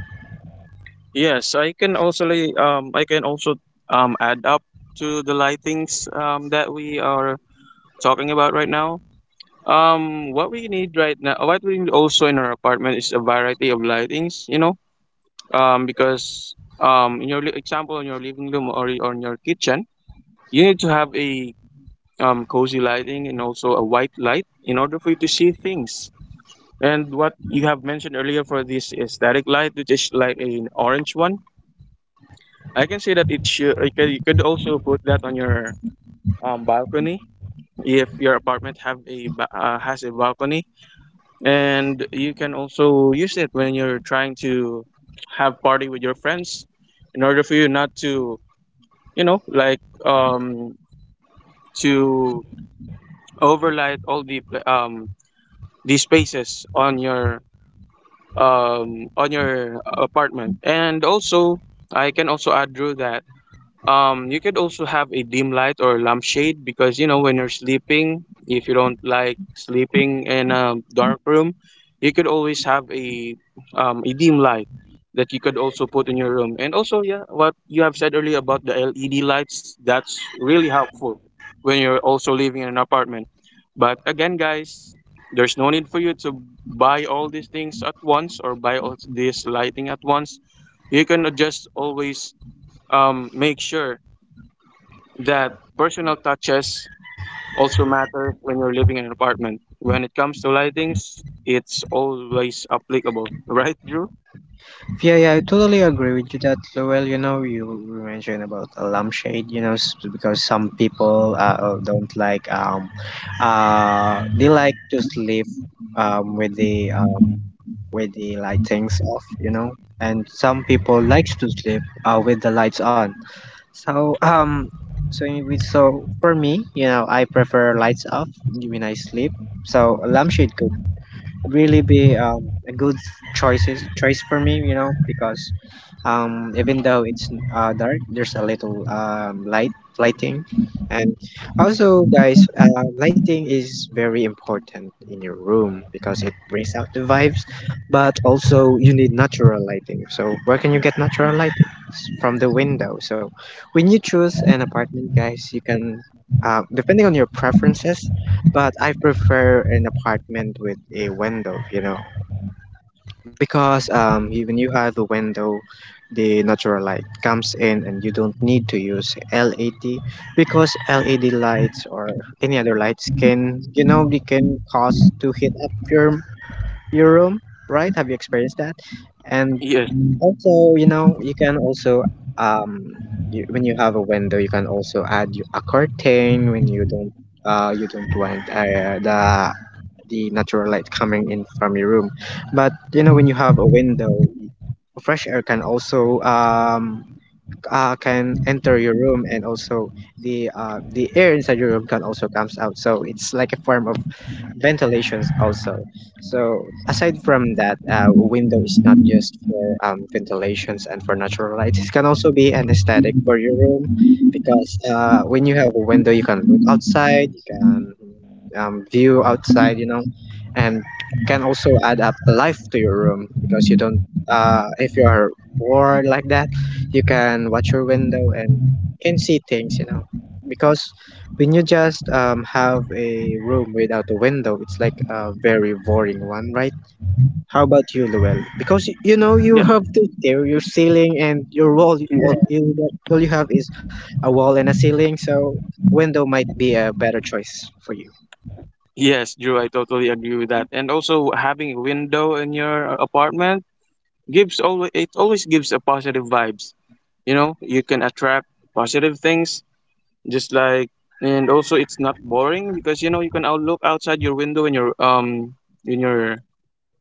Yes, I can also add up to the lightings that we are talking about right now. What we need right now what we need also in our apartment is a variety of lightings, you know. Because in your example, in your living room or or in your kitchen, you need to have a cozy lighting and also a white light in order for you to see things. And what you have mentioned earlier for this aesthetic light, which is like an orange one, I can say that it should. you could, you could also put that on your balcony, if your apartment has a balcony. And you can also use it when you're trying to have party with your friends, in order for you not to you know like um to overlight all the the spaces on your apartment. And also, I can also add through that you could also have a dim light or lampshade, because you know when you're sleeping, if you don't like sleeping in a dark room, you could always have a dim light that you could also put in your room. And also, yeah, what you have said earlier about the LED lights, that's really helpful when you're also living in an apartment. But again, guys, there's no need for you to buy all these things at once or buy all this lighting at once. You can just always make sure that personal touches also matter when you're living in an apartment. When it comes to lightings, it's always applicable, right, Drew? Yeah, yeah, I totally agree with you that, Lowell. You know, you mentioned about a lampshade, you know, because some people don't like, they like to sleep um, with the um, with the lightings off, you know, and some people likes to sleep with the lights on. So so so for me, you know, I prefer lights off when I sleep. So a lampshade could really be a good choice for me, you know, because even though it's dark, there's a little lighting. And also, guys, lighting is very important in your room because it brings out the vibes, but also you need natural lighting. So where can you get natural lighting? It's from the window. So when you choose an apartment, guys, you can depending on your preferences, but I prefer an apartment with a window, you know, because when you have a window, the natural light comes in and you don't need to use LED, because LED lights or any other lights can, you know, they can cause to heat up your room, right? Have you experienced that? And Yes, also, you know, you can also um when you have a window, you can also add a curtain when you don't want the natural light coming in from your room. But you know, when you have a window, fresh air can also can enter your room, and also the air inside your room can also comes out. So it's like a form of ventilations also. So aside from that, window is not just for ventilations and for natural light. It can also be an aesthetic for your room because when you have a window, you can look outside, you can view outside, you know, and can also add up life to your room because you don't. If you are bored like that, you can watch your window and can see things, you know, because when you just have a room without a window, it's like a very boring one, right? How about you, Luel? Because you know you yeah, have to tear your ceiling and your wall. Yeah. All you have is a wall and a ceiling, so window might be a better choice for you. Yes, Drew, I totally agree with that. And also, having a window in your apartment gives always it always gives a positive vibes. You know, you can attract positive things, just like, and also it's not boring because you know you can out look outside your window in your in your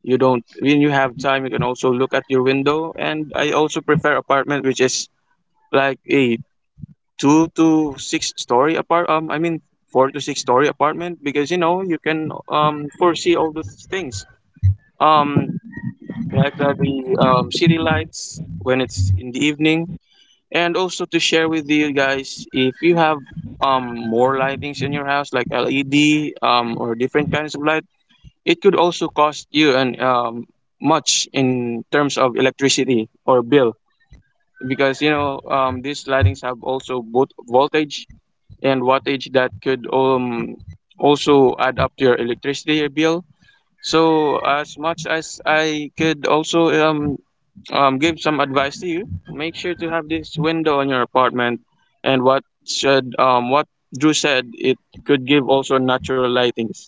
you don't, when you have time, you can also look at your window. And I also prefer apartment which is like a two to six story apart I mean four to six story apartment, because you know you can foresee all those things, um the city lights when it's in the evening. And also, to share with you guys, if you have more lightings in your house like LED or different kinds of light, it could also cost you an much in terms of electricity or bill, because you know, these lightings have also both voltage and wattage that could also add up to your electricity bill. So as much as I could also give some advice to you, make sure to have this window in your apartment, and what Drew said, it could give also natural lightings.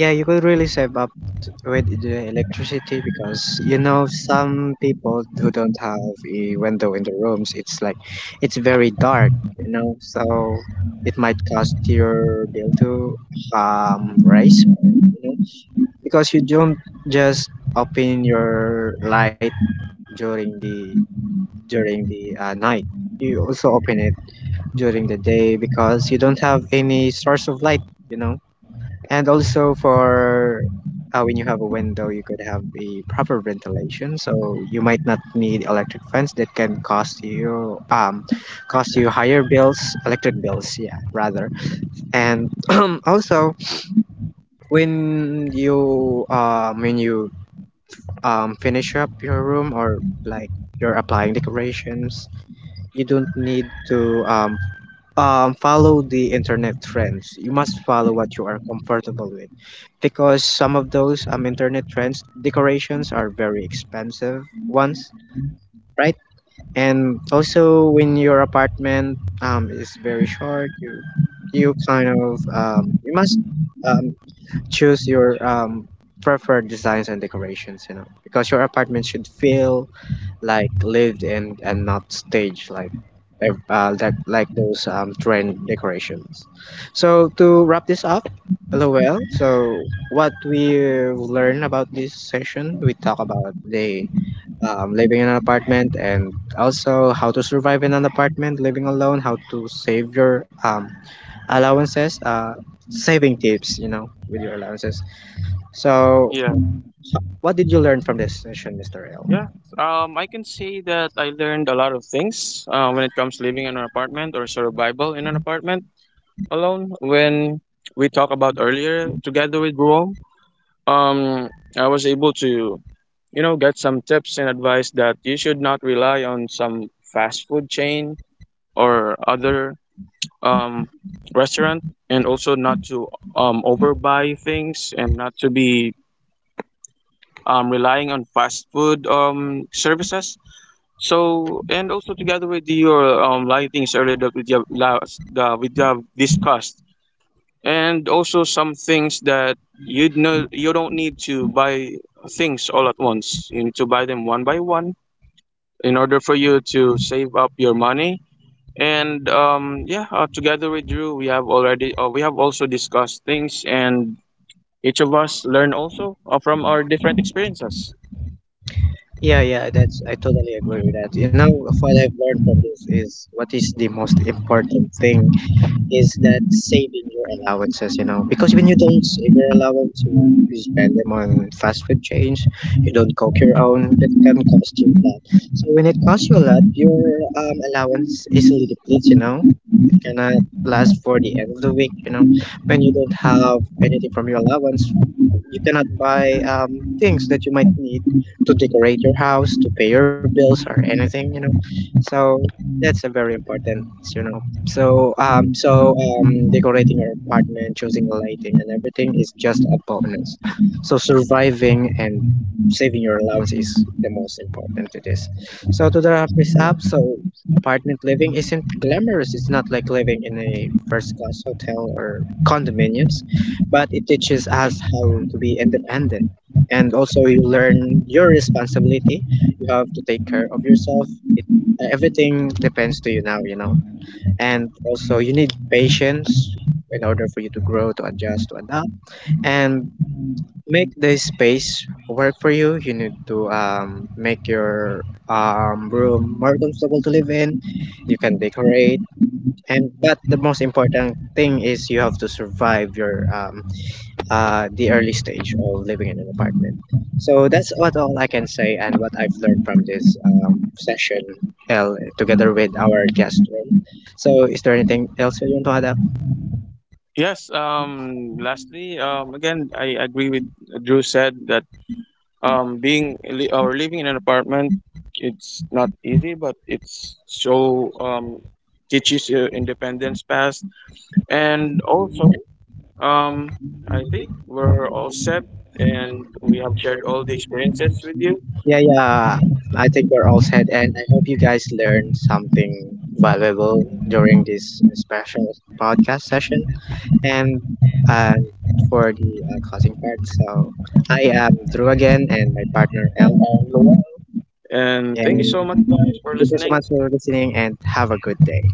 Yeah, you could really save up with the electricity, because you know some people who don't have a window in the rooms, it's like it's very dark, you know, so it might cost your bill to rise, you know, because you don't just open your light during the night. You also open it during the day because you don't have any source of light, you know. And also for when you have a window, you could have a proper ventilation, so you might not need electric fans that can cost you higher bills, electric bills, yeah, rather. And also when you finish up your room or like you're applying decorations, you don't need to follow the internet trends. You must follow what you are comfortable with, because some of those internet trends decorations are very expensive ones, right? And also when your apartment is very short, you kind of you must um choose your preferred designs and decorations, you know, because your apartment should feel like lived in and not staged, like like those trend decorations. So to wrap this up, lol, so what we learned about this session, we talk about the living in an apartment, and also how to survive in an apartment living alone, how to save your allowances saving tips, you know, with your allowances. So Yeah. what did you learn from this session, Mr. L? Yeah, I can say that I learned a lot of things when it comes to living in an apartment or survival in an apartment alone. When we talked about earlier together with Rome, um, I was able to, you know, get some tips and advice that you should not rely on some fast food chain or other um, restaurant, and also not to overbuy things and not to be relying on fast food services. So and also together with your lightings earlier that we have last we have discussed, and also some things that you know you don't need to buy things all at once. You need to buy them one by one in order for you to save up your money. And yeah, together with Drew, we have already we have also discussed things, and each of us learn also from our different experiences. Yeah, yeah, that's I totally agree with that. You know, what I've learned from this is what is the most important thing is that saving your allowances, you know, because when you don't save your allowance, you spend them on fast food chains, you don't cook your own, that can cost you a lot. So when it costs you a lot, your allowance easily depletes, you know, cannot last for the end of the week. You know, when you don't have anything from your allowance, you cannot buy things that you might need to decorate your house, to pay your bills, or anything. You know, so that's a very important. You know, so decorating your apartment, choosing the lighting, and everything is just a bonus. So surviving and saving your allowance is the most important to this. So to the wrap this up, so apartment living isn't glamorous. It's not like living in a first class hotel or condominiums, but it teaches us how to be independent. And also, you learn your responsibility. You have to take care of yourself. It, everything depends to you now, you know. And also, you need patience in order for you to grow, to adjust, to adapt. And make the space work for you. You need to make your room more comfortable to live in. You can decorate, and but the most important thing is you have to survive your the early stage of living in an apartment. So that's what all I can say, and what I've learned from this session, L, together with our guest. Ron. So, is there anything else you want to add? Yes, lastly, again, I agree with Drew said that or living in an apartment, it's not easy, but it's so teaches you independence past. And also, um, I think we're all set and we have shared all the experiences with you. Yeah, yeah. I think we're all set, and I hope you guys learned something valuable during this special podcast session. And uh, for the closing part, so I am Drew again, and my partner El. And thank you And so much, guys, for thank you so listening. much for listening, and have a good day.